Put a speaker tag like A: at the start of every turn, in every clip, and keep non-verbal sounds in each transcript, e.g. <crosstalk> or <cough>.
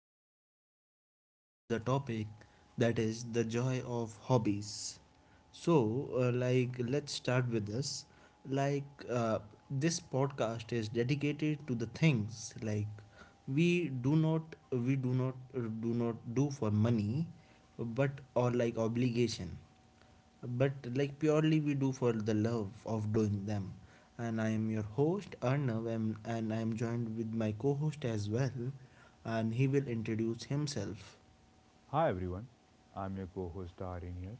A: we're going to talk about the topic that is the joy of hobbies. So let's start with this. Like, uh, this podcast is dedicated to the things like we do not, do not do for money, but or like obligation but like purely we do for the love of doing them. And I am your host Arnav, and I am joined with my co-host as well, and he will introduce himself.
B: Hi everyone, I'm your co-host Darin here.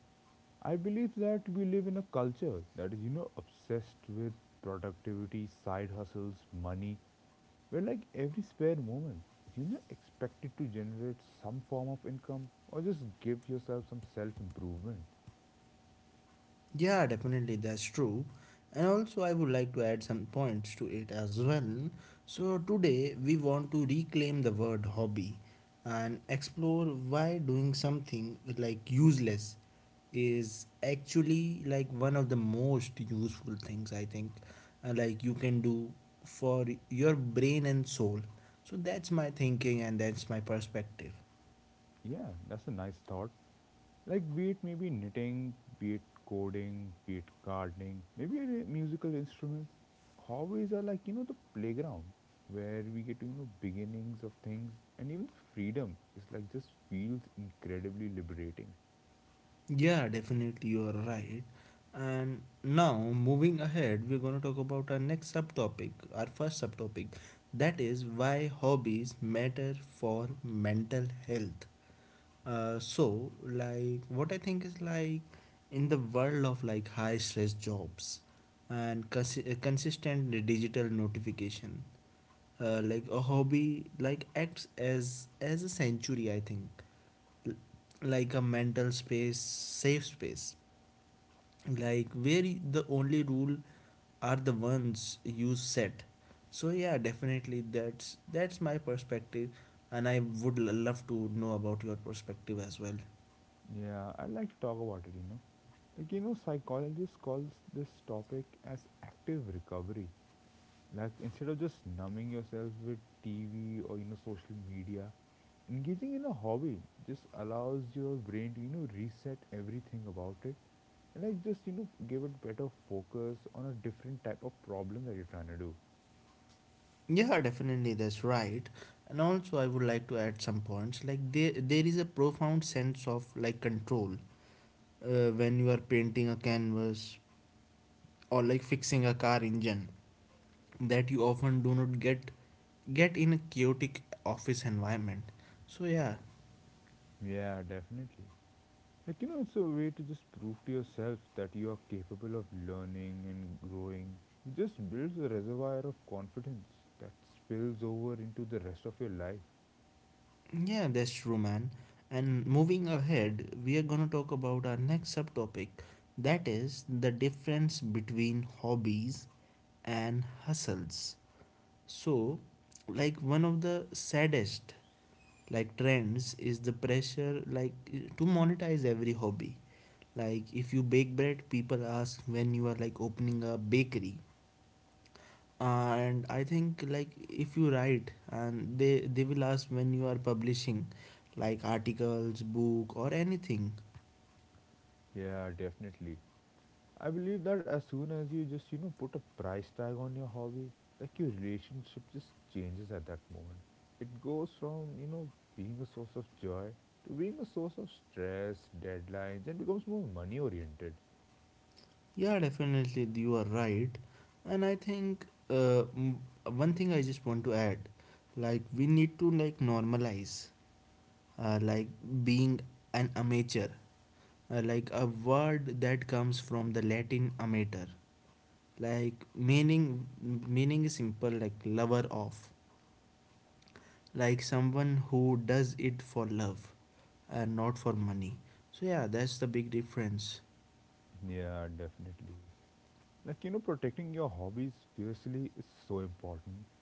B: I believe that we live in a culture that is, obsessed with productivity, side hustles, money, where like every spare moment is, expected to generate some form of income or just give yourself some self-improvement.
A: Yeah, definitely, that's true. And also, I would like to add some points to it as well. So, today we want to reclaim the word hobby and explore why doing something like useless is actually like one of the most useful things I think, like you can do for your brain and soul. So, that's my thinking and that's my perspective.
B: Yeah, that's a nice thought. Like, be it maybe knitting, be it coding, be it gardening, maybe a musical instrument. Hobbies are like, the playground where we get to, beginnings of things and even the freedom is like just feels incredibly liberating.
A: Yeah, definitely, you are right. And now, moving ahead, we're going to talk about our next subtopic, our first subtopic, that is why hobbies matter for mental health. What I think is like in the world of like high stress jobs and consistent digital notification, like a hobby like acts as a sanctuary, I think, like a mental space, safe space like where the only rule are the ones you set. So yeah, definitely, that's my perspective, and I would love to know about your perspective as well.
B: Yeah, I'd like to talk about it. Like, you know, psychologists calls this topic as active recovery. Like instead of just numbing yourself with TV or you know social media, engaging in a hobby just allows your brain to you know reset everything about it and like just you know give it better focus on a different type of problem that you're trying to do.
A: Yeah, definitely, that's right. And also, I would like to add some points like there is a profound sense of like control when you are painting a canvas or like fixing a car engine that you often do not get in a chaotic office environment. So yeah.
B: Yeah, definitely. Like you know, it's a way to just prove to yourself that you are capable of learning and growing. It just builds a reservoir of confidence that spills over into the rest of your life.
A: Yeah, that's true, man. And moving ahead, we are gonna talk about our next subtopic that is the difference between hobbies and hustles. So, like one of the saddest like trends is the pressure like to monetize every hobby. Like if you bake bread, people ask when you are like opening a bakery, and I think like if you write, and they will ask when you are publishing like articles, book, or anything.
B: Yeah, definitely. I believe that as soon as you just, put a price tag on your hobby, like your relationship just changes at that moment. It goes from, being a source of joy to being a source of stress, deadlines, and becomes more money oriented.
A: Yeah, definitely, you are right. And I think uh, m- one thing I just want to add like we need to like normalize like being an amateur, like a word that comes from the Latin amateur, like meaning is simple like lover of, like someone who does it for love and not for money. So yeah, that's the big difference.
B: Yeah, definitely. Like, you know, protecting your hobbies fiercely is so important.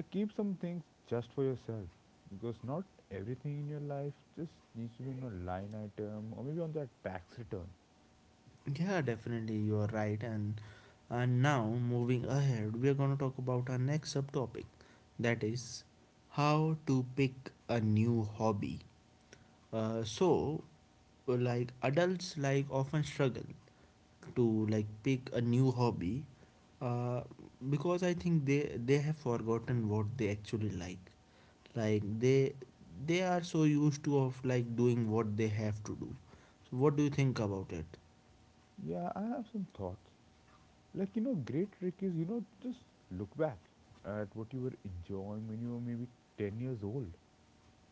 B: Like, keep some things just for yourself because not everything in your life just needs to be on a line item or maybe on that tax return.
A: Yeah, definitely, you are right. And now moving ahead, we are going to talk about our next subtopic that is how to pick a new hobby. So like adults like often struggle to like pick a new hobby, uh, because I think they have forgotten what they actually like. Like they are so used to of like doing what they have to do. So what do you think about it?
B: Yeah, I have some thoughts. Like, you know, great trick is, just look back at what you were enjoying when you were maybe 10 years old.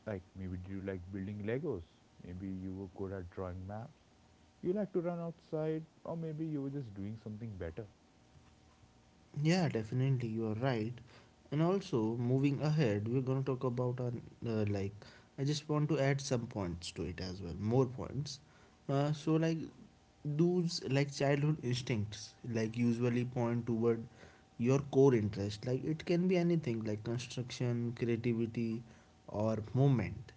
B: Like, maybe you like building Legos? Maybe you were good at drawing maps. You like to run outside, or maybe you were just doing something better.
A: Yeah, definitely, you are right. And also, moving ahead, we're gonna talk about like I just want to add some points to it as well, more points. So like those like childhood instincts like usually point toward your core interest. Like it can be anything like construction, creativity, or movement.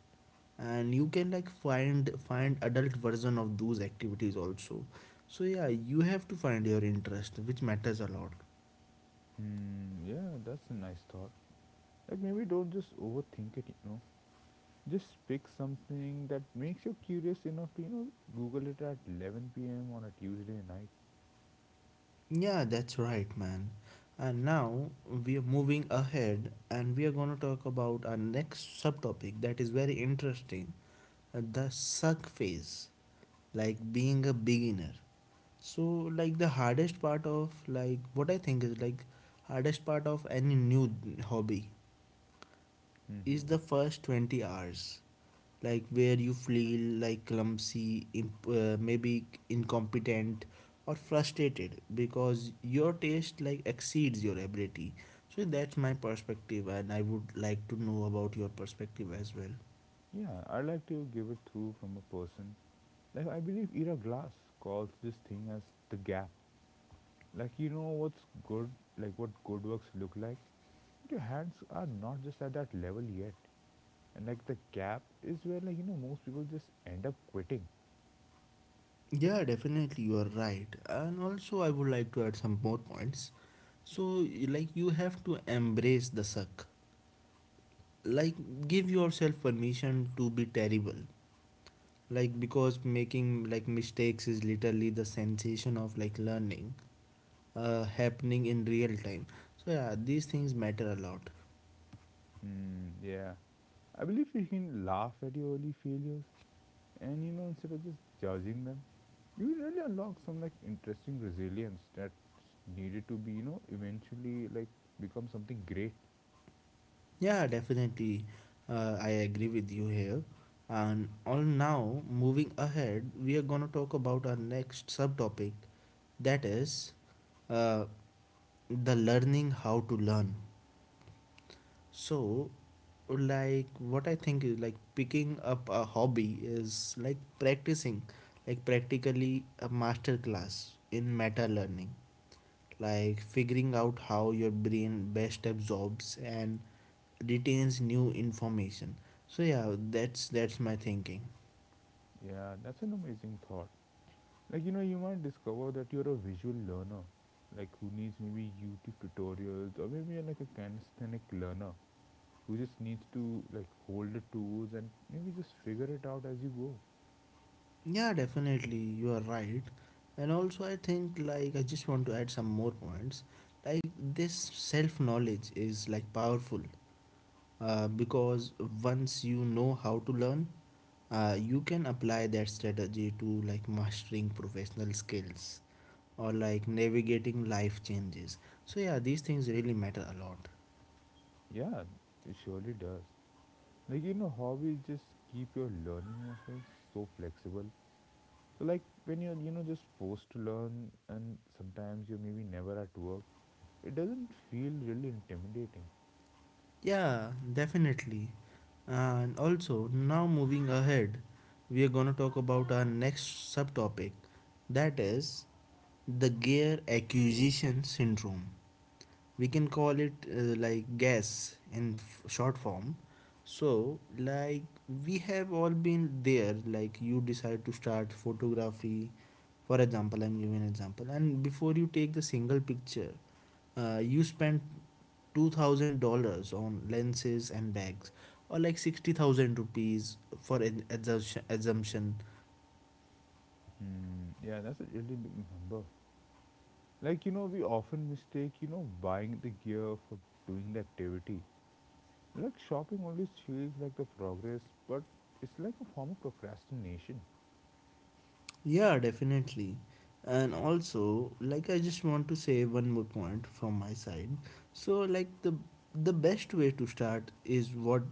A: And you can like find adult version of those activities also. So yeah, you have to find your interest, which matters a lot.
B: Hmm, yeah, that's a nice thought. Like, maybe don't just overthink it. Just pick something that makes you curious enough to, Google it at 11 p.m. on a Tuesday night.
A: Yeah, that's right, man. And now we are moving ahead and we are going to talk about our next subtopic that is very interesting, the suck phase, like being a beginner. So, like the hardest part of like what I think is like hardest part of any new hobby
B: Mm-hmm.
A: is the first 20 hours, like where you feel like clumsy maybe incompetent or frustrated because your taste like exceeds your ability. So that's my perspective, and I would like to know about your perspective as well.
B: Yeah, I like to give it through from a person. Like I believe Ira Glass calls this thing as the gap. Like you know what's good, like what good works look like. Your hands are not just at that level yet, and like the gap is where like you know most people just end up quitting.
A: Yeah, definitely, you are right. And also, I would like to add some more points. So like you have to embrace the suck. Like give yourself permission to be terrible, like because making like mistakes is literally the sensation of like learning happening in real time. So yeah, these things matter a lot.
B: Mm, yeah. I believe you can laugh at your early failures and you know instead of just judging them, you will really unlock some like interesting resilience that's needed to be, eventually like become something great.
A: Yeah, definitely. I agree with you here. And all now moving ahead, we are going to talk about our next subtopic that is uh, the learning how to learn. So, like, what I think is like picking up a hobby is like practicing, like, practically a master class in meta learning, like figuring out how your brain best absorbs and retains new information. So, yeah, that's my thinking.
B: Yeah, that's an amazing thought. Like you know, you might discover that you're a visual learner, like who needs maybe YouTube tutorials or maybe you're like a kinesthetic learner who just needs to like hold the tools and maybe just figure it out as you go.
A: Yeah, definitely, you are right. And also, I think like I just want to add some more points. Like, this self knowledge is like powerful because once you know how to learn, you can apply that strategy to like mastering professional skills or like navigating life changes. So yeah, these things really matter a lot.
B: Yeah, it surely does. Like you know, hobbies just keep your learning muscles so flexible. So like when you're you know just forced to learn and sometimes you're maybe never at work, it doesn't feel really intimidating.
A: Yeah, definitely. And also, now moving ahead, we are gonna talk about our next subtopic that is the gear acquisition syndrome. We can call it like GAS in short form. So, like, we have all been there, like, you decide to start photography. For example, I'm giving an example, and before you take the single picture, you spend $2000 on lenses and bags or like 60,000 rupees for an assumption.
B: Hmm. Yeah, that's a really big number. Like you know, we often mistake you know buying the gear for doing the activity. Like shopping always feels like the progress, but it's like a form of procrastination.
A: Yeah, definitely. And also like I just want to say one more point from my side. So like the best way to start is what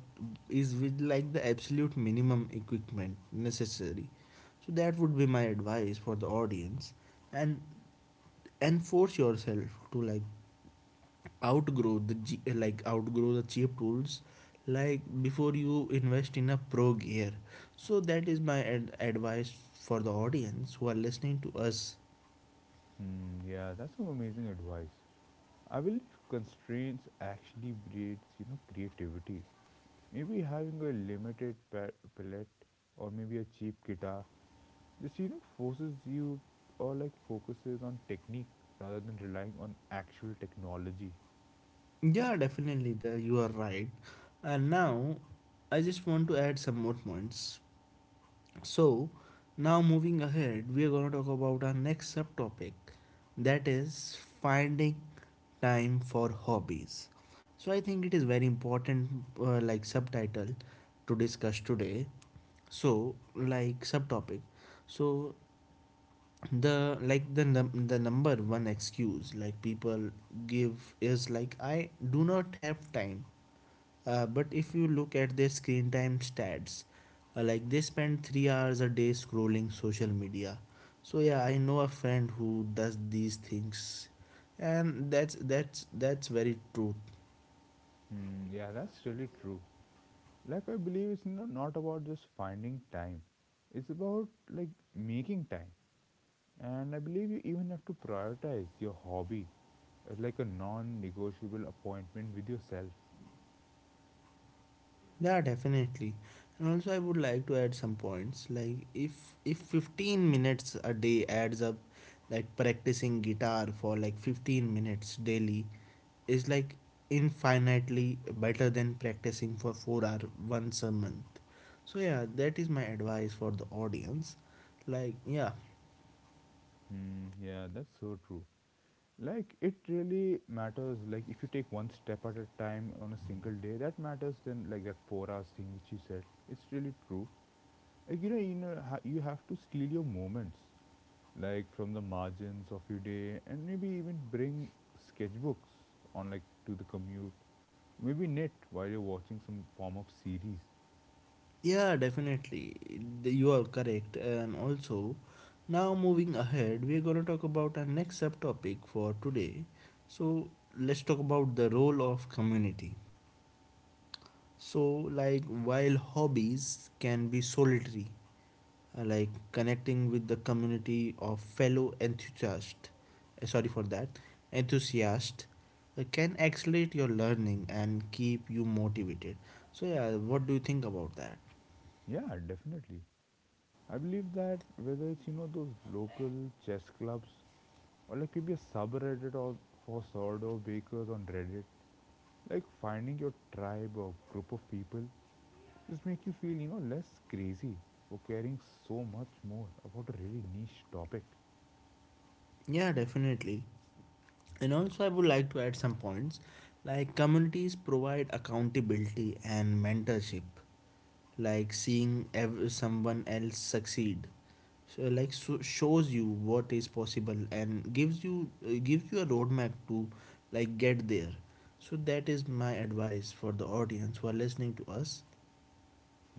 A: is with like the absolute minimum equipment necessary. So that would be my advice for the audience. And and force yourself to like outgrow the like outgrow the cheap tools like before you invest in a pro gear. So that is my advice for the audience who are listening to us.
B: Hmm. Yeah, that's some amazing advice. I believe constraints actually breeds, creativity. Maybe having a limited palette or maybe a cheap guitar just, forces you or like focuses on technique rather than relying on actual technology.
A: Yeah, definitely, you are right. And now I just want to add some more points. So, now moving ahead, we are going to talk about our next subtopic that is finding time for hobbies. So, I think it is very important, like, subtitle to discuss today. So, like, subtopic. So, the like the the number one excuse like people give is like I do not have time, but if you look at their screen time stats, like they spend 3 hours a day scrolling social media. So yeah, I know a friend who does these things, and that's very true.
B: Hmm, yeah, that's really true. Like I believe it's not about just finding time. It's about like making time. And I believe you even have to prioritize your hobby as like a non-negotiable appointment with yourself.
A: Yeah, definitely. And also I would like to add some points like if 15 minutes a day adds up, like practicing guitar for like 15 minutes daily is like infinitely better than practicing for 4-hour once a month. So yeah, that is my advice for the audience. Like yeah.
B: Hmm, yeah, that's so true. Like it really matters. Like if you take one step at a time on a single day, that matters. Then like that 4 hours thing which you said, it's really true. Like you have to steal your moments, like from the margins of your day, and maybe even bring sketchbooks on like to the commute. Maybe knit while you're watching some form of series.
A: Yeah, definitely. You are correct. And also, now moving ahead, we're going to talk about our next subtopic for today. So, let's talk about the role of community. So, like, while hobbies can be solitary, like connecting with the community of fellow enthusiast, sorry for that, enthusiast, can accelerate your learning and keep you motivated. So yeah, what do you think about that?
B: Yeah, definitely. I believe that whether it's you know those local chess clubs or like maybe a subreddit or for sourdough bakers on Reddit. Like finding your tribe or group of people just make you feel, less crazy for caring so much more about a really niche topic.
A: Yeah, definitely. And also, I would like to add some points like communities provide accountability and mentorship, like seeing someone else succeed. So, like so shows you what is possible and gives you a roadmap to like get there. So that is my advice for the audience who are listening to us.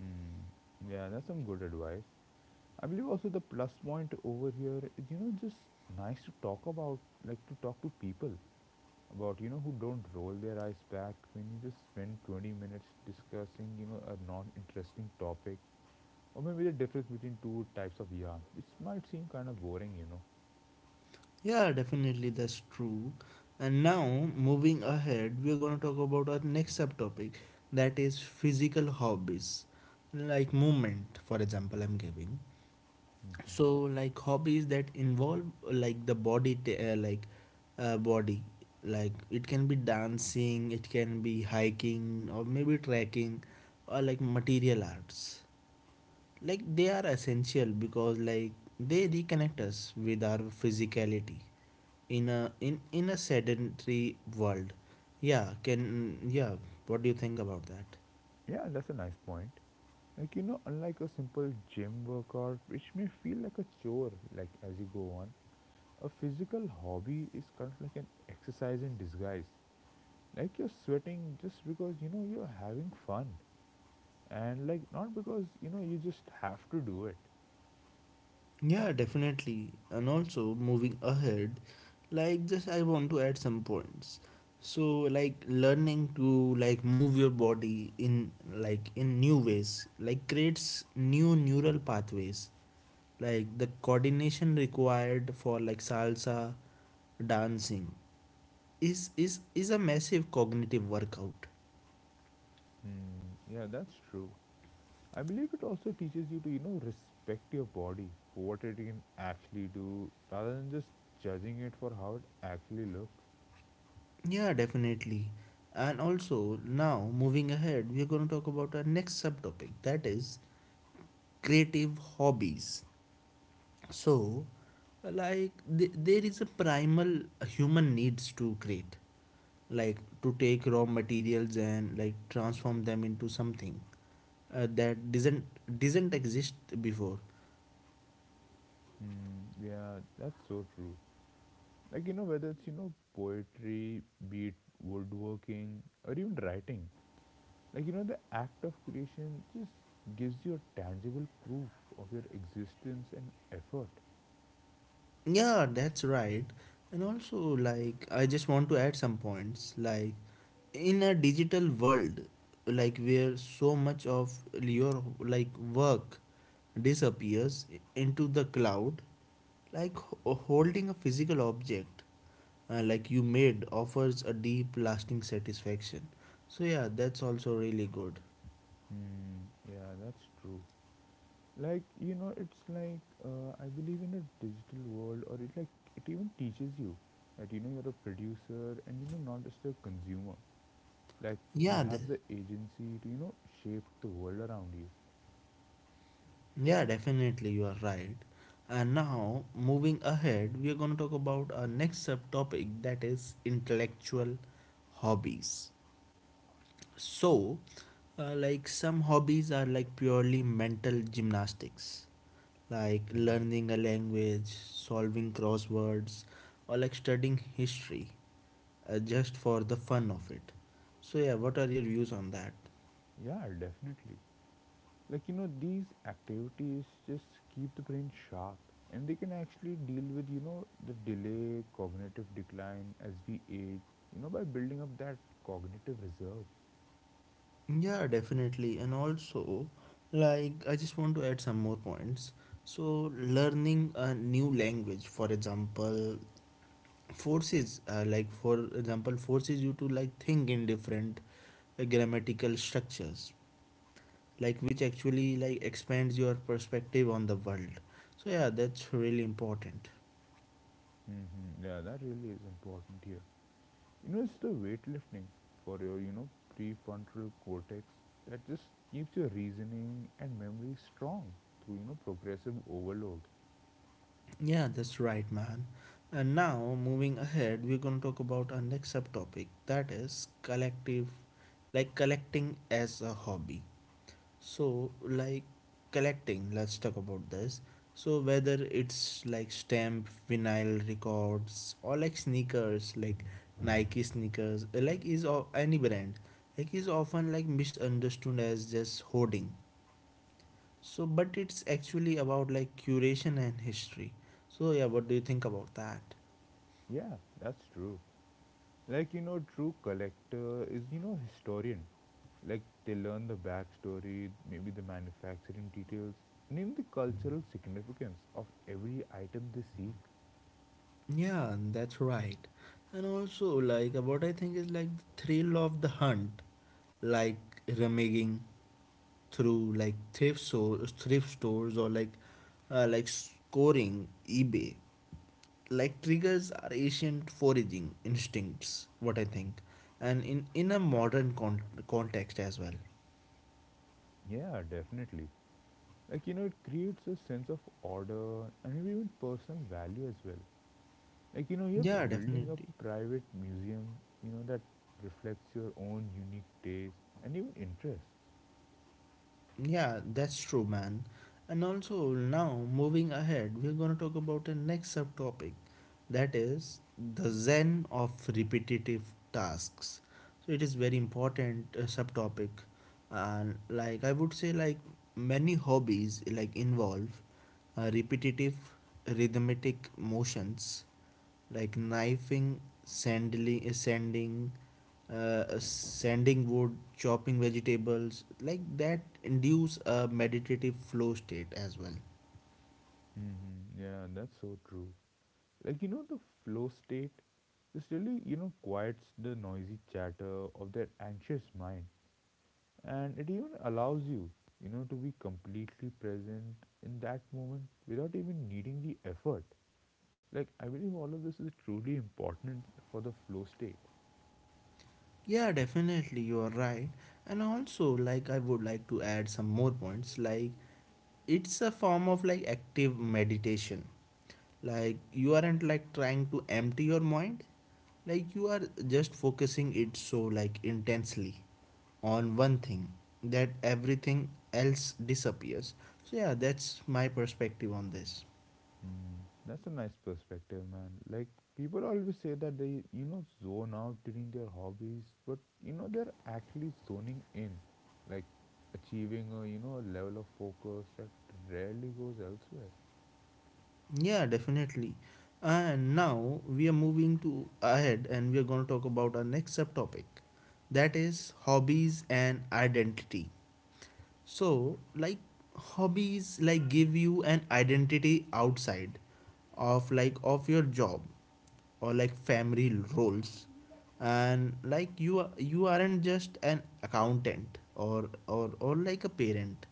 B: Mm, yeah, that's some good advice. I believe also the plus point over here is, just nice to talk about, like to talk to people about, who don't roll their eyes back when you just spend 20 minutes discussing, a non interesting topic. Or maybe the difference between two types of yarn, which might seem kind of boring.
A: Yeah, definitely, that's true. And now, moving ahead, we're going to talk about our next subtopic that is physical hobbies, like movement, for example, I'm giving.
B: Hmm.
A: So, like hobbies that involve like the body, body, like it can be dancing, it can be hiking, or maybe trekking, or like material arts like they are essential because like they reconnect us with our physicality in a sedentary world. Yeah, can, yeah, what do you think about that?
B: Yeah, that's a nice point. Like, you know, unlike a simple gym workout, which may feel like a chore, like as you go on, a physical hobby is kind of like an exercise in disguise. Like, you're sweating just because, you're having fun. And, like, not because, you just have to do it.
A: Yeah, definitely. And also moving ahead, like just I want to add some points. So like learning to like move your body in in new ways, like creates new neural pathways. Like the coordination required for like salsa dancing is a massive cognitive workout.
B: Mm, yeah, that's true. I believe it also teaches you to, respect your body for what it can actually do rather than just judging it for how it actually looks.
A: Yeah, definitely. And also, now moving ahead, we are going to talk about our next subtopic that is creative hobbies. So, like, there is a primal human needs to create, like, to take raw materials and like transform them into something that doesn't exist before.
B: Mm, yeah, that's so true. Like, whether it's, poetry, be it woodworking, or even writing, like, the act of creation just gives you a tangible proof of your existence and effort.
A: Yeah, that's right. And also, like, I just want to add some points. Like, in a digital world, like, where so much of your, like, work disappears into the cloud, like, holding a physical object, like, you made offers a deep, lasting satisfaction. So, yeah, that's also really good.
B: Mm, yeah, that's true. Like you know it's like I believe in a digital world or it like it even teaches you that you know you're a producer and you know not just a consumer. Like you
A: Yeah, the
B: have the agency to you know shape the world around you.
A: Yeah, definitely, you are right. And now, moving ahead, we are going to talk about our next subtopic that is intellectual hobbies. So, like some hobbies are like purely mental gymnastics, like learning a language, solving crosswords, or like studying history just for the fun of it. So, yeah, what are your views on that?
B: Yeah, definitely. Like you know these activities just keep the brain sharp and they can actually deal with you know the delay cognitive decline as we age, you know, by building up that cognitive reserve.
A: Yeah, definitely. And also, like, I just want to add some more points. So, learning a new language, for example, like, for example, forces you to like think in different grammatical structures, like, which actually like expands your perspective on the world. So, yeah, that's really important.
B: Hmm, yeah that really is important here. You know, it's the weightlifting for your, prefrontal cortex that just keeps your reasoning and memory strong through, progressive overload.
A: Yeah, that's right, man. And now, moving ahead, we're going to talk about our next subtopic that is like collecting as a hobby. So, like collecting, let's talk about this. So, whether it's like stamp, vinyl records, or like sneakers, like Nike sneakers, like is any brand, like is often like misunderstood as just hoarding so, but it's actually about like curation and history. So, yeah, what do you think about that?
B: Yeah, that's true. Like, you know, true collector is, historian. Like, they learn the backstory, maybe the manufacturing details, and even the cultural significance of every item they seek.
A: Yeah, that's right. And also, like, what I think is like the thrill of the hunt, like rummaging through like thrift stores, or like scoring eBay, like triggers our ancient foraging instincts. What I think, and in a modern context as well.
B: Yeah, definitely. Like, you know, it creates a sense of order and maybe even personal value as well. Like you know you're
A: Yeah,
B: building a
A: definitely.
B: private museum, you know, that reflects your own unique tastes and even interests.
A: Yeah, that's true, man. And also, now moving ahead, we're going to talk about the next subtopic that is the zen of repetitive tasks. So, it is very important subtopic. And, like, I would say, like, many hobbies like involve repetitive rhythmic motions like knifing, sanding wood, chopping vegetables, like that induce a meditative flow state as well.
B: Mm-hmm. Yeah that's so true. Like you know the flow state this really you know quiets the noisy chatter of their anxious mind and it even allows you, you know, to be completely present in that moment without even needing the effort. Like I believe all of this is truly important for the flow state.
A: Yeah, definitely, you are right. And also, like, I would like to add some more points. Like, it's a form of like active meditation like you aren't like trying to empty your mind like you are just focusing it so like intensely on one thing that everything else disappears. So, yeah, that's my perspective on this.
B: Mm, that's a nice perspective, man. Like people always say that they, zone out during their hobbies, but you know they're actually zoning in, like achieving a you know a level of focus that rarely goes elsewhere.
A: Yeah, definitely. And now we are moving to ahead and we are going to talk about our next subtopic that is hobbies and identity. So, like hobbies like give you an identity outside of like of your job or like family roles and like you aren't just an accountant or like a parent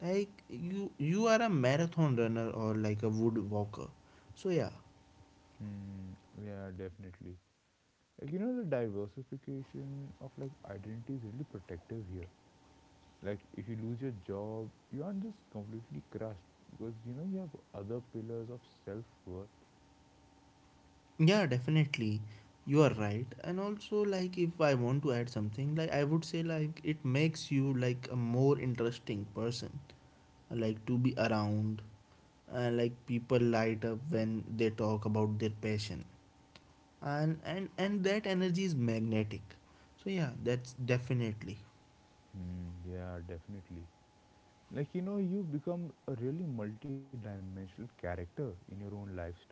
A: like you are a marathon runner or like a wood walker. So, yeah.
B: Mm, yeah, definitely. Like you know, the diversification of like identity is really protective here. Like if you lose your job, you aren't just completely crushed because you know you have other pillars of self worth.
A: Yeah, definitely. You are right. And also, like, if I want to add something, like I would say like it makes you like a more interesting person. Like to be around. Like people light up when they talk about their passion. And that energy is magnetic. So, yeah, that's definitely.
B: Mm, yeah, definitely. Like you know you become a really multi-dimensional character in your own life story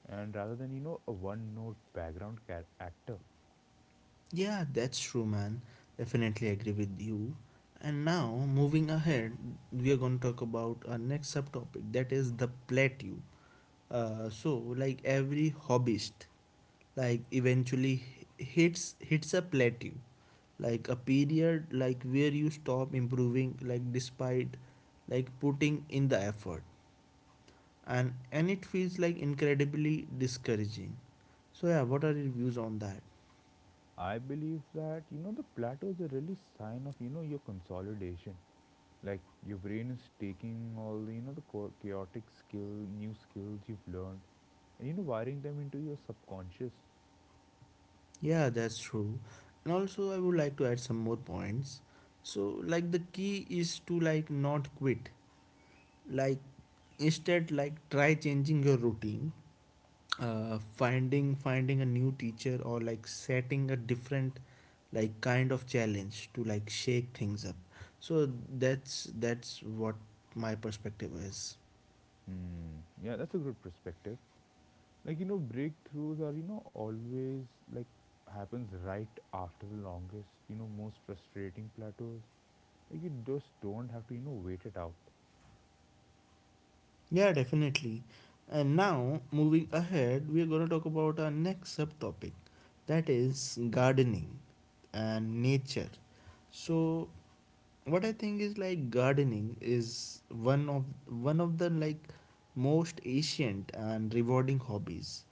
B: and rather than you know a one note background actor.
A: Yeah, that's true, man. Definitely agree with you. And now, moving ahead, we are going to talk about our next subtopic that is the plateau. So, like every hobbyist, like eventually hits a plateau, like a period like where you stop improving, like despite like putting in the effort, and it feels like incredibly discouraging. So, yeah, what are your views on that?
B: I believe that you know the plateau is a really sign of you know your consolidation. Like your brain is taking all the you know the chaotic skill new skills you've learned and you know wiring them into your subconscious.
A: Yeah, that's true. And also I would like to add some more points. So, like the key is to like not quit. Like instead like try changing your routine. Finding a new teacher or like setting a different like kind of challenge to like shake things up. So, that's what my perspective is.
B: Hmm, yeah that's a good perspective. Like, you know, breakthroughs are, always like happens right after the longest, most frustrating plateaus. Like, you just don't have to, wait it out.
A: Yeah, definitely. And now, moving ahead, we are going to talk about our next subtopic that is gardening and nature. So, what I think is like gardening is one of the like most ancient and rewarding hobbies.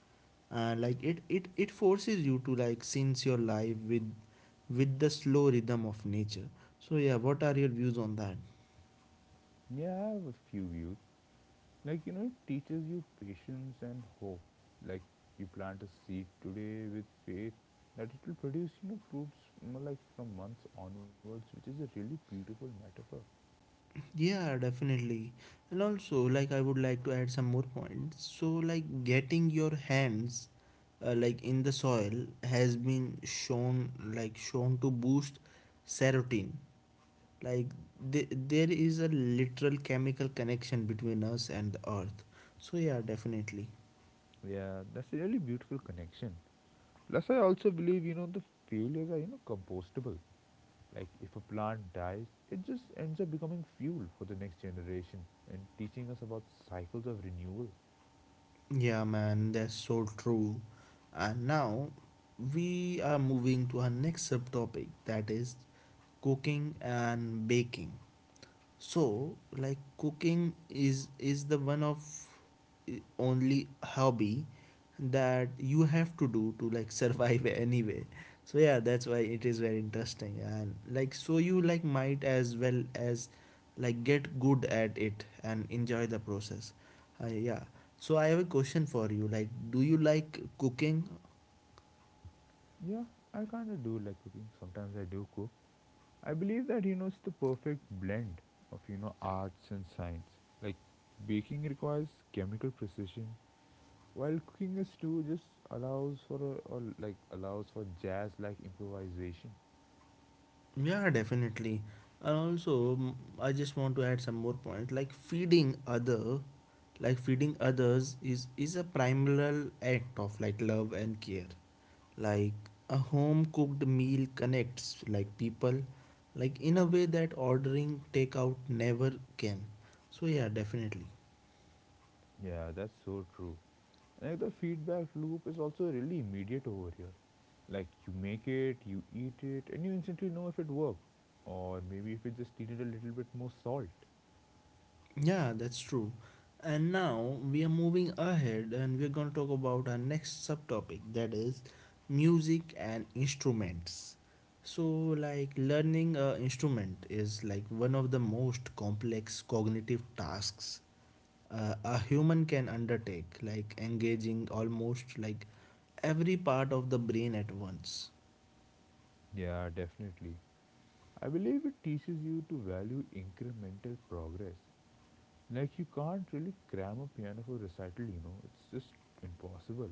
A: And like it forces you to like sense your life with the slow rhythm of nature. So, yeah, what are your views on that?
B: Yeah, I have a few views. Like, you know, it teaches you patience and hope. Like, you plant a seed today with faith that it will produce, fruits, like from months onwards, which is a really beautiful metaphor.
A: Yeah, definitely. And also, like, I would like to add some more points. So, like, getting your hands like in the soil has been shown to boost serotonin. Like, there is a literal chemical connection between us and the earth. So, yeah, definitely.
B: Yeah, that's a really beautiful connection. Plus, I also believe, the failures are, compostable. Like if a plant dies, it just ends up becoming fuel for the next generation and teaching us about cycles of renewal.
A: Yeah, man, that's so true. And now we are moving to our next subtopic that is cooking and baking. So, like cooking is the only hobby that you have to do to like survive <laughs> anyway. So, yeah, that's why it is very interesting and like so you like might as well as like get good at it and enjoy the process. Yeah. So, I have a question for you. Like, do you like cooking?
B: Yeah, I kind of do like cooking. Sometimes I do cook. I believe that it's the perfect blend of arts and science. Like baking requires chemical precision, while cooking is too just allows for a, or like allows for jazz like improvisation.
A: Yeah, definitely. And also, I just want to add some more point. Like like feeding others is a primal act of like love and care. Like a home cooked meal connects like people, like in a way that ordering takeout never can. So, yeah, definitely.
B: Yeah, that's so true. And like the feedback loop is also really immediate over here. Like you make it, you eat it, and you instantly know if it worked. Or maybe if it just needed a little bit more salt.
A: Yeah, that's true. And now we are moving ahead and we're going to talk about our next subtopic that is music and instruments. So, like learning an instrument is like one of the most complex cognitive tasks a human can undertake, like engaging almost like every part of the brain at once.
B: Yeah, definitely. I believe it teaches you to value incremental progress. Like you can't really cram a piano for recital, it's just impossible.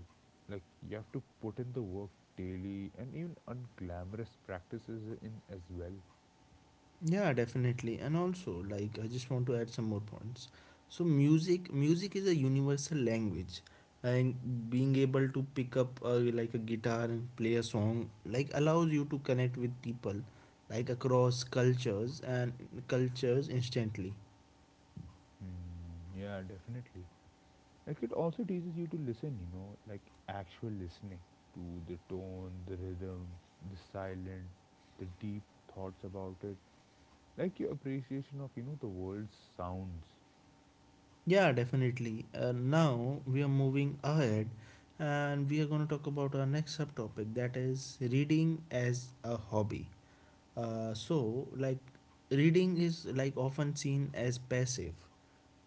B: Like you have to put in the work daily and even unglamorous practices in as well.
A: Yeah, definitely. And also, like, I just want to add some more points. So, music is a universal language, and being able to pick up like a guitar and play a song like allows you to connect with people, like across cultures and cultures instantly.
B: Hmm, yeah, definitely. Like it also teaches you to listen, like actual listening to the tone, the rhythm, the silent, the deep thoughts about it. Like your appreciation of, the world's sounds.
A: Yeah, definitely. Now we are moving ahead, and we are going to talk about our next subtopic that is reading as a hobby. So, like, reading is like often seen as passive,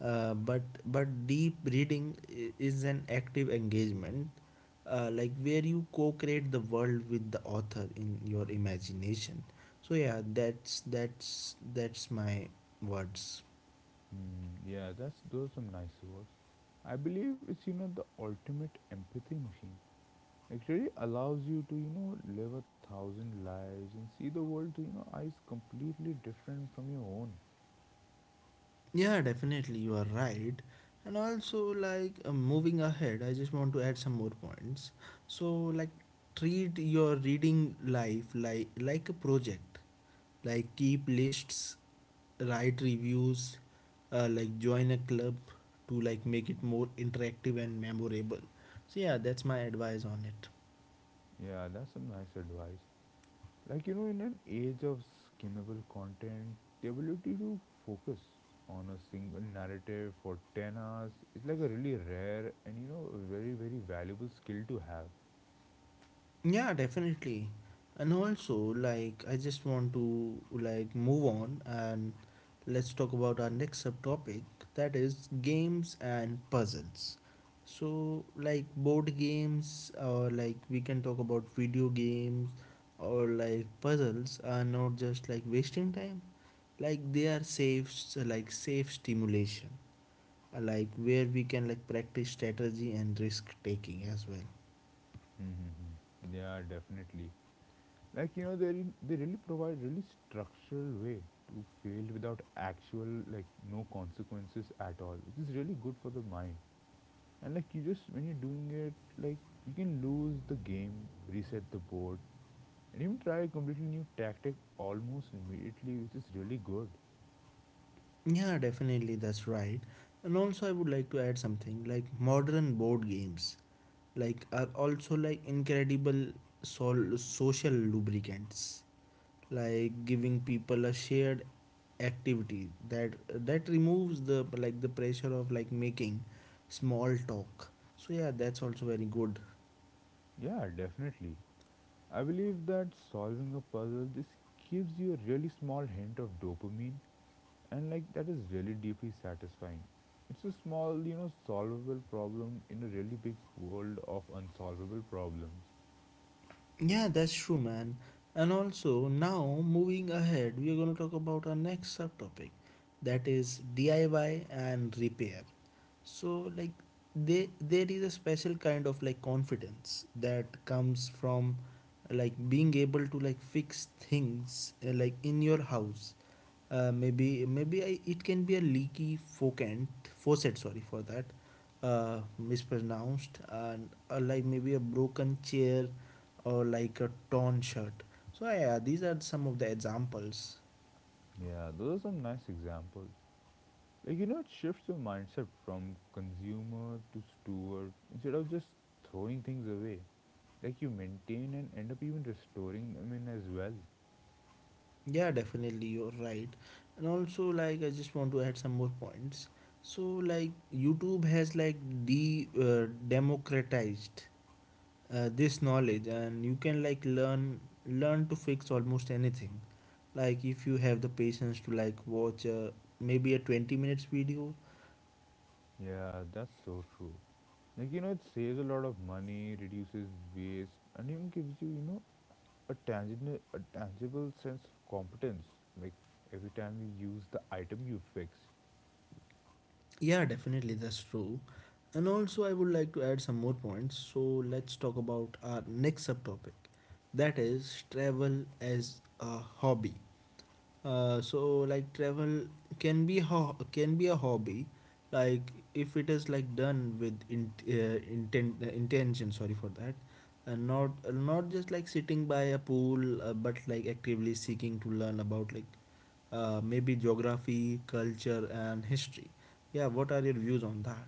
A: but deep reading is an active engagement, like where you co-create the world with the author in your imagination. So, yeah, that's my words.
B: Mm, yeah, that's those are some nice words. I believe it's, the ultimate empathy machine. It really allows you to, live a thousand lives and see the world through, eyes completely different from your own.
A: Yeah, definitely, you are right. And also, like, moving ahead, I just want to add some more points. So, like, treat your reading life like a project. Like, keep lists, write reviews, like join a club to like make it more interactive and memorable. So, yeah, that's my advice on it.
B: Yeah, that's some nice advice. Like, in an age of skimmable content, the ability to focus on a single narrative for 10 hours is like a really rare and, very, very valuable skill to have.
A: Yeah, definitely. And also, like, I just want to like move on and let's talk about our next subtopic that is games and puzzles. So, like board games or like we can talk about video games or like puzzles are not just like wasting time. Like they are safe like safe stimulation. Like where we can like practice strategy and risk taking as well.
B: Mm-hmm. Yeah, definitely. Like, they really provide really structural way to fail without actual, like, no consequences at all, which is really good for the mind. And like you just when you're doing it, like you can lose the game, reset the board, and even try a completely new tactic almost immediately, which is really good.
A: Yeah, definitely, that's right. And also, I would like to add something like modern board games, like are also like incredible social lubricants, like giving people a shared activity that that removes the like the pressure of like making small talk. So, yeah, that's also very good.
B: Yeah, definitely. I believe that solving a puzzle just gives you a really small hint of dopamine, and like that is really deeply satisfying. It's a small, solvable problem in a really big world of unsolvable problems.
A: Yeah, that's true, man. And also now moving ahead, we are going to talk about our next subtopic, that is DIY and repair. So like they there is a special kind of like confidence that comes from like being able to like fix things like in your house maybe it can be a leaky focant faucet sorry for that mispronounced and like maybe a broken chair or like a torn shirt. So, yeah, these are some of the examples.
B: Yeah, those are some nice examples. Like, it shifts your mindset from consumer to steward instead of just throwing things away. Like, you maintain and end up even restoring them in as well.
A: Yeah, definitely, you're right. And also, like, I just want to add some more points. So, like, YouTube has like de democratized this knowledge, and you can like learn to fix almost anything. Like, if you have the patience to like watch maybe a 20 minutes video.
B: Yeah, that's so true. Like, it saves a lot of money, reduces waste, and even gives you, you know, a tangible sense of competence. Like, every time you use the item you fixed.
A: Yeah, definitely, that's true. And also, I would like to add some more points. So, let's talk about our next subtopic, that is travel as a hobby. So, like travel can be a hobby, like if it is like done with intention. Sorry for that, and not just like sitting by a pool, but like actively seeking to learn about like maybe geography, culture, and history. Yeah, what are your views on that?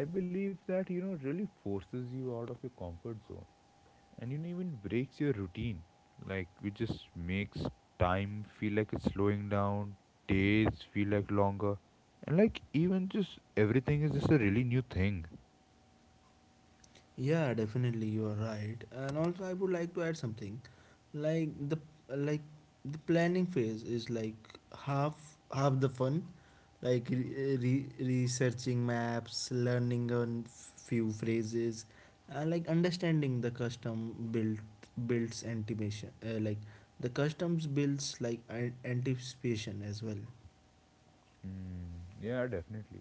B: I believe that, really forces you out of your comfort zone, and it even breaks your routine. Like it just makes time feel like it's slowing down, days feel like longer, and like even just everything is just a really new thing.
A: Yeah, definitely, you are right. And also I would like to add something. Like the like the planning phase is like half the fun. Like researching maps, learning on few phrases, and like understanding the custom builds anticipation. Like the customs builds like anticipation as well.
B: Mm, yeah, definitely.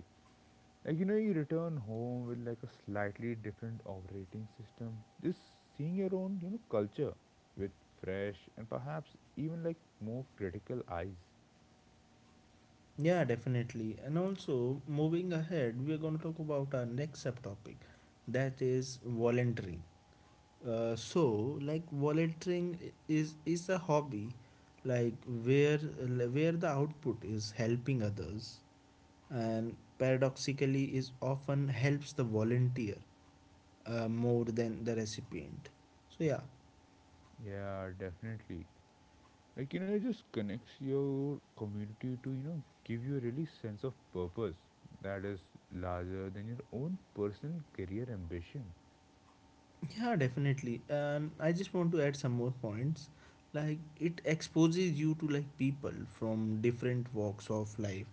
B: Like, you return home with like a slightly different operating system, just seeing your own, culture with fresh and perhaps even like more critical eyes.
A: Yeah, definitely. And also, moving ahead, we are going to talk about our next subtopic that is volunteering. Volunteering is a hobby like where the output is helping others and paradoxically is often helps the volunteer more than the recipient, so yeah.
B: Yeah, definitely. Like it just connects your community to give you a really sense of purpose that is larger than your own personal career ambition.
A: Yeah, definitely. And I just want to add some more points. Like it exposes you to like people from different walks of life,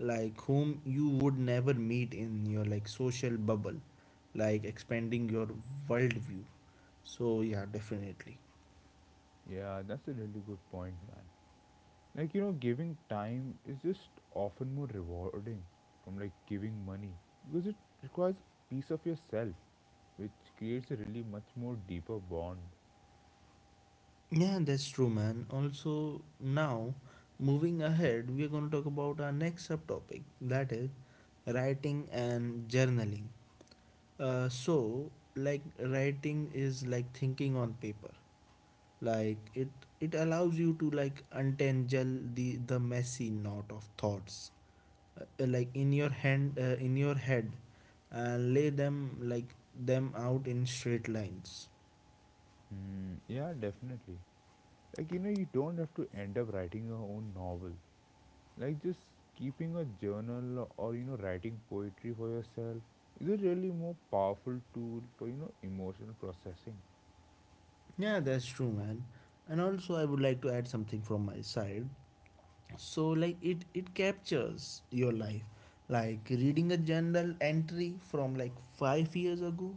A: like whom you would never meet in your like social bubble, like expanding your worldview. So yeah, definitely.
B: Yeah, that's a really good point, man. Like, giving time is just often more rewarding from like giving money, because it requires a piece of yourself, which creates a really much more deeper bond.
A: Yeah, that's true, man. Also, now moving ahead, we're going to talk about our next subtopic, that is writing and journaling. So like writing is like thinking on paper, like it allows you to like untangle the messy knot of thoughts, like in your hand in your head, and lay them out in straight lines.
B: Hmm, yeah, definitely. Like you don't have to end up writing your own novel. Like just keeping a journal, or writing poetry for yourself, is a really more powerful tool for emotional processing.
A: Yeah, that's true, man. And also, I would like to add something from my side. So like it captures your life, like reading a journal entry from like 5 years ago.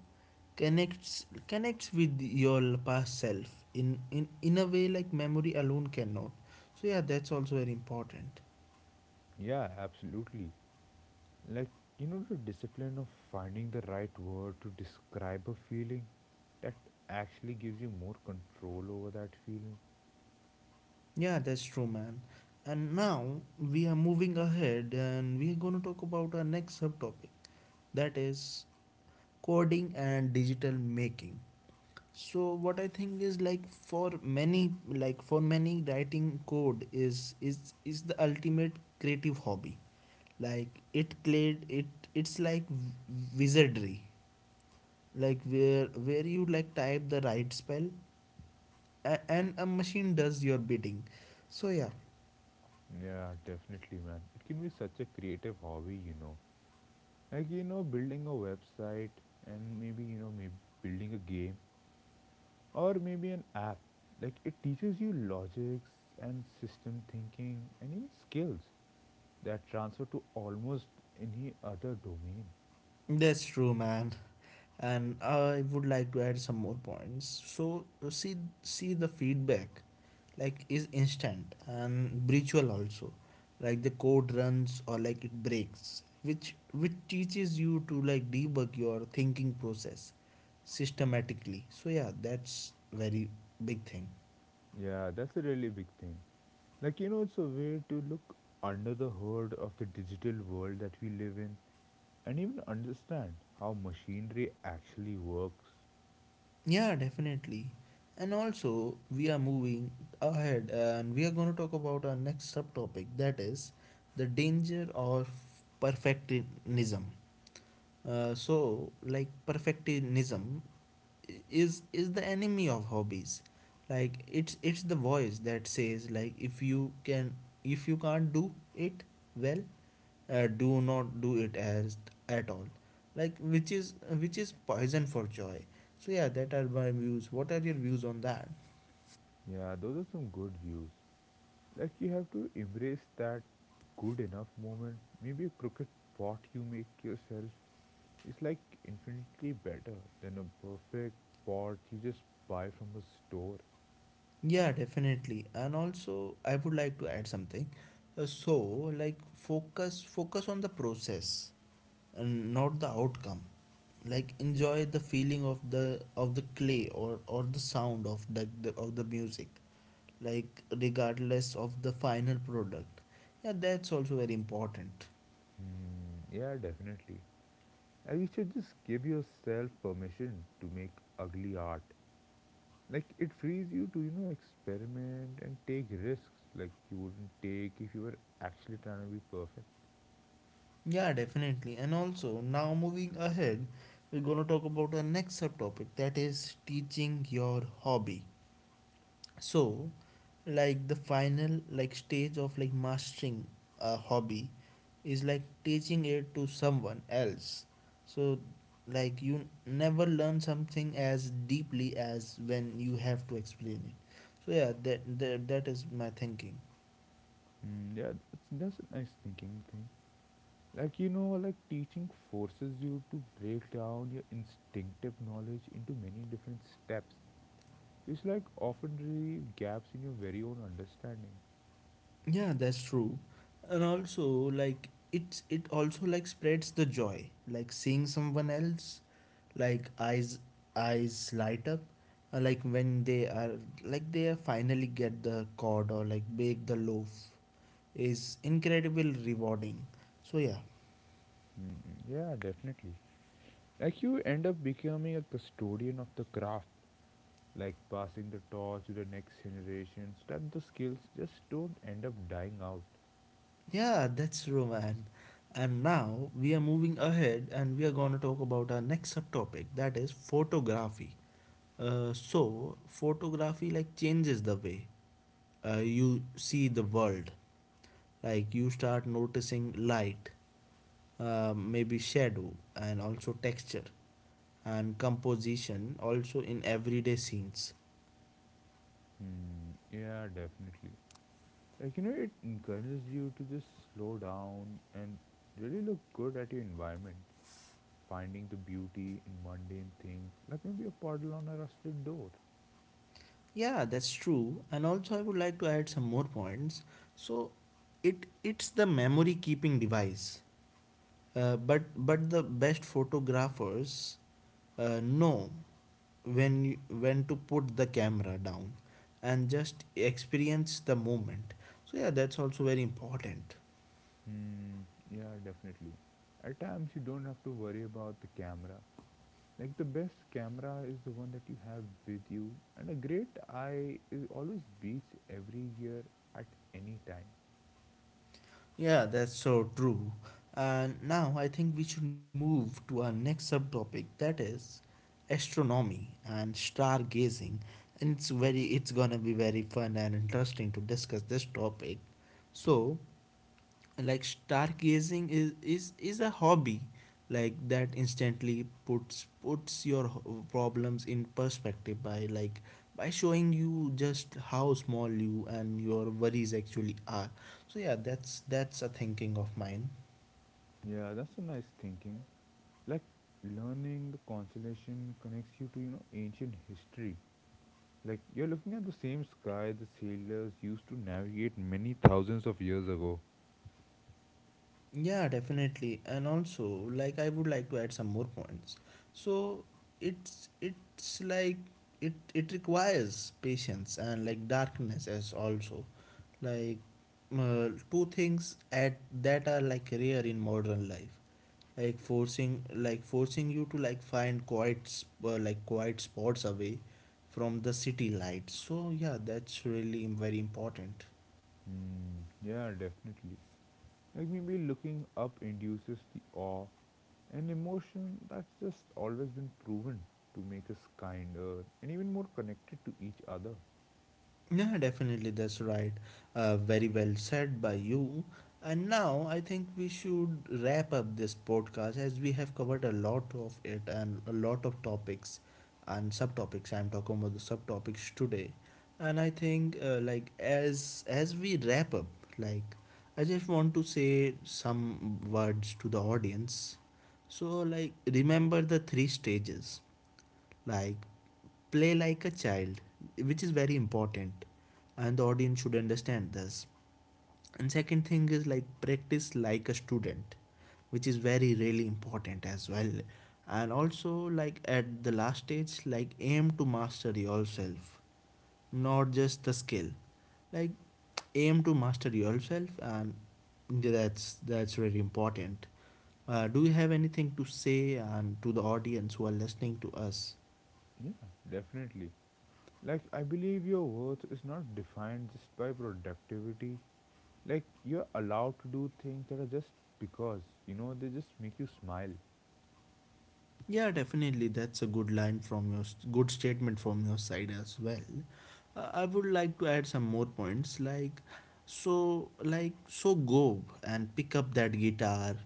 A: Connects with your past self in a way like memory alone cannot. So yeah, that's also very important.
B: Yeah, absolutely. Like the discipline of finding the right word to describe a feeling, that actually gives you more control over that feeling.
A: Yeah, that's true, man. And now we are moving ahead and we are going to talk about our next subtopic, that is coding and digital making. So what I think is, for many, writing code is the ultimate creative hobby. Like it cleared it it's like wizardry, like where you like type the right spell, and a machine does your bidding. So yeah,
B: Yeah, definitely, man, it can be such a creative hobby, like building a website, and maybe you know maybe building a game, or maybe an app. Like it teaches you logics and system thinking and even skills that transfer to almost any other domain.
A: that's true, man. And I would like to add some more points. So see the feedback like is instant and virtual also. Like the code runs or like it breaks, which teaches you to like debug your thinking process systematically. So yeah, that's very big thing.
B: Yeah, that's a really big thing. Like, it's a way to look under the hood of the digital world that we live in, and even understand how machinery actually works.
A: Yeah, definitely. And also, we are moving ahead and we are going to talk about our next subtopic, that is the danger of perfectionism. Perfectionism is the enemy of hobbies. Like, it's the voice that says like, if you can't do it well, do not do it as at all, like, which is poison for joy. So yeah, that are my views. What are your views on that?
B: Yeah, those are some good views. Like, you have to embrace that good enough moment, maybe a crooked pot you make yourself. It's like infinitely better than a perfect pot you just buy from a store.
A: Yeah, definitely. And also, I would like to add something. So like focus on the process and not the outcome, like enjoy the feeling of the clay or the sound of the music, like regardless of the final product. Yeah, that's also very important.
B: Hmm, yeah, definitely. And you should just give yourself permission to make ugly art. Like it frees you to, experiment and take risks like you wouldn't take if you were actually trying to be perfect.
A: Yeah, definitely. And also, now moving ahead, we're going to talk about our next subtopic, that is teaching your hobby. So, the final stage of like mastering a hobby is like teaching it to someone else. So, like you never learn something as deeply as when you have to explain it. So yeah, that is my thinking.
B: Mm, yeah, that's a nice thinking thing. Like, like teaching forces you to break down your instinctive knowledge into many different steps. It's like often the gaps in your very own understanding.
A: Yeah, that's true. And also like it also like spreads the joy. Like seeing someone else like eyes eyes light up, like when they are finally get the cod, or like bake the loaf, is incredible rewarding. So yeah.
B: Mm, yeah, definitely. Like you end up becoming a custodian of the craft, like passing the torch to the next generation so that the skills just don't end up dying out.
A: Yeah, that's true, man. And now we are moving ahead and we are going to talk about our next subtopic, that is photography. Photography like changes the way you see the world. Like you start noticing light, maybe shadow, and also texture and composition also in everyday scenes.
B: Hmm. Yeah, definitely. Like, it encourages you to just slow down and really look good at your environment, finding the beauty in mundane things, like maybe a puddle on a rusted door.
A: Yeah, that's true. And also, I would like to add some more points. So it's the memory keeping device. But the best photographers know when when to put the camera down and just experience the moment. So yeah, that's also very important.
B: Hmm, yeah, definitely. At times, you don't have to worry about the camera. Like, the best camera is the one that you have with you, and a great eye is always beats every year at any time.
A: Yeah, that's so true. And now I think we should move to our next subtopic, that is astronomy and stargazing. And it's very, it's gonna be very fun and interesting to discuss this topic. So like stargazing is a hobby like that instantly puts your problems in perspective by showing you just how small you and your worries actually are. So yeah, that's a thinking of mine.
B: Yeah, that's a nice thinking. Like, learning the constellation connects you to, ancient history. Like, you're looking at the same sky the sailors used to navigate many thousands of years ago.
A: Yeah, definitely. And also, like I would like to add some more points. So it's it's like it requires patience and like darkness as also, like, two things at that are like rare in modern life, forcing you to like find quiet sp- like quiet spots away from the city lights. So yeah, that's really very important.
B: Mm, yeah, definitely. Like maybe looking up induces the awe, an emotion that's just always been proven to make us kinder and even more connected to each other.
A: Yeah, definitely, that's right. Very well said by you. And now I think we should wrap up this podcast as we have covered a lot of it and a lot of topics and subtopics. I'm talking about the subtopics today. And I think as we wrap up, like I just want to say some words to the audience. So like remember the three stages, like play like a child, which is very important, and the audience should understand this. And second thing is like practice like a student, which is very really important as well. And also, like at the last stage, like aim to master yourself, not just the skill. Like aim to master yourself, and that's really important. Do you have anything to say and to the audience who are listening to us?
B: Yeah, definitely. Like, I believe your worth is not defined just by productivity. Like, you're allowed to do things that are just because, they just make you smile.
A: Yeah, definitely. That's a good line from your good statement from your side as well. I would like to add some more points. Like so go and pick up that guitar,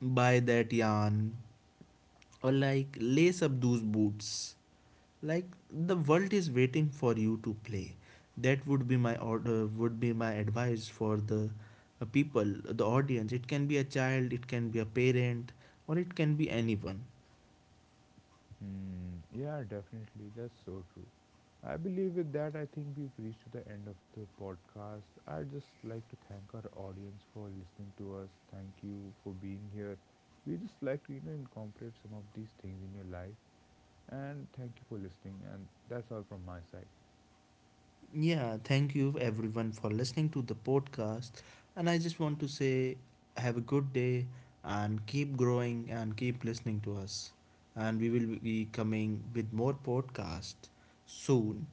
A: buy that yarn, or like lace up those boots. Like the world is waiting for you to play. That would be my advice for the, people, the audience. It can be a child, it can be a parent, or it can be anyone.
B: Hmm. Yeah, definitely. That's so true. I believe with that, I think we've reached to the end of the podcast. I'd just like to thank our audience for listening to us. Thank you for being here. We just like to, incorporate some of these things in your life. And thank you for listening. And that's all from my side.
A: Yeah, thank you everyone for listening to the podcast. And I just want to say, have a good day and keep growing and keep listening to us. And we will be coming with more podcast soon.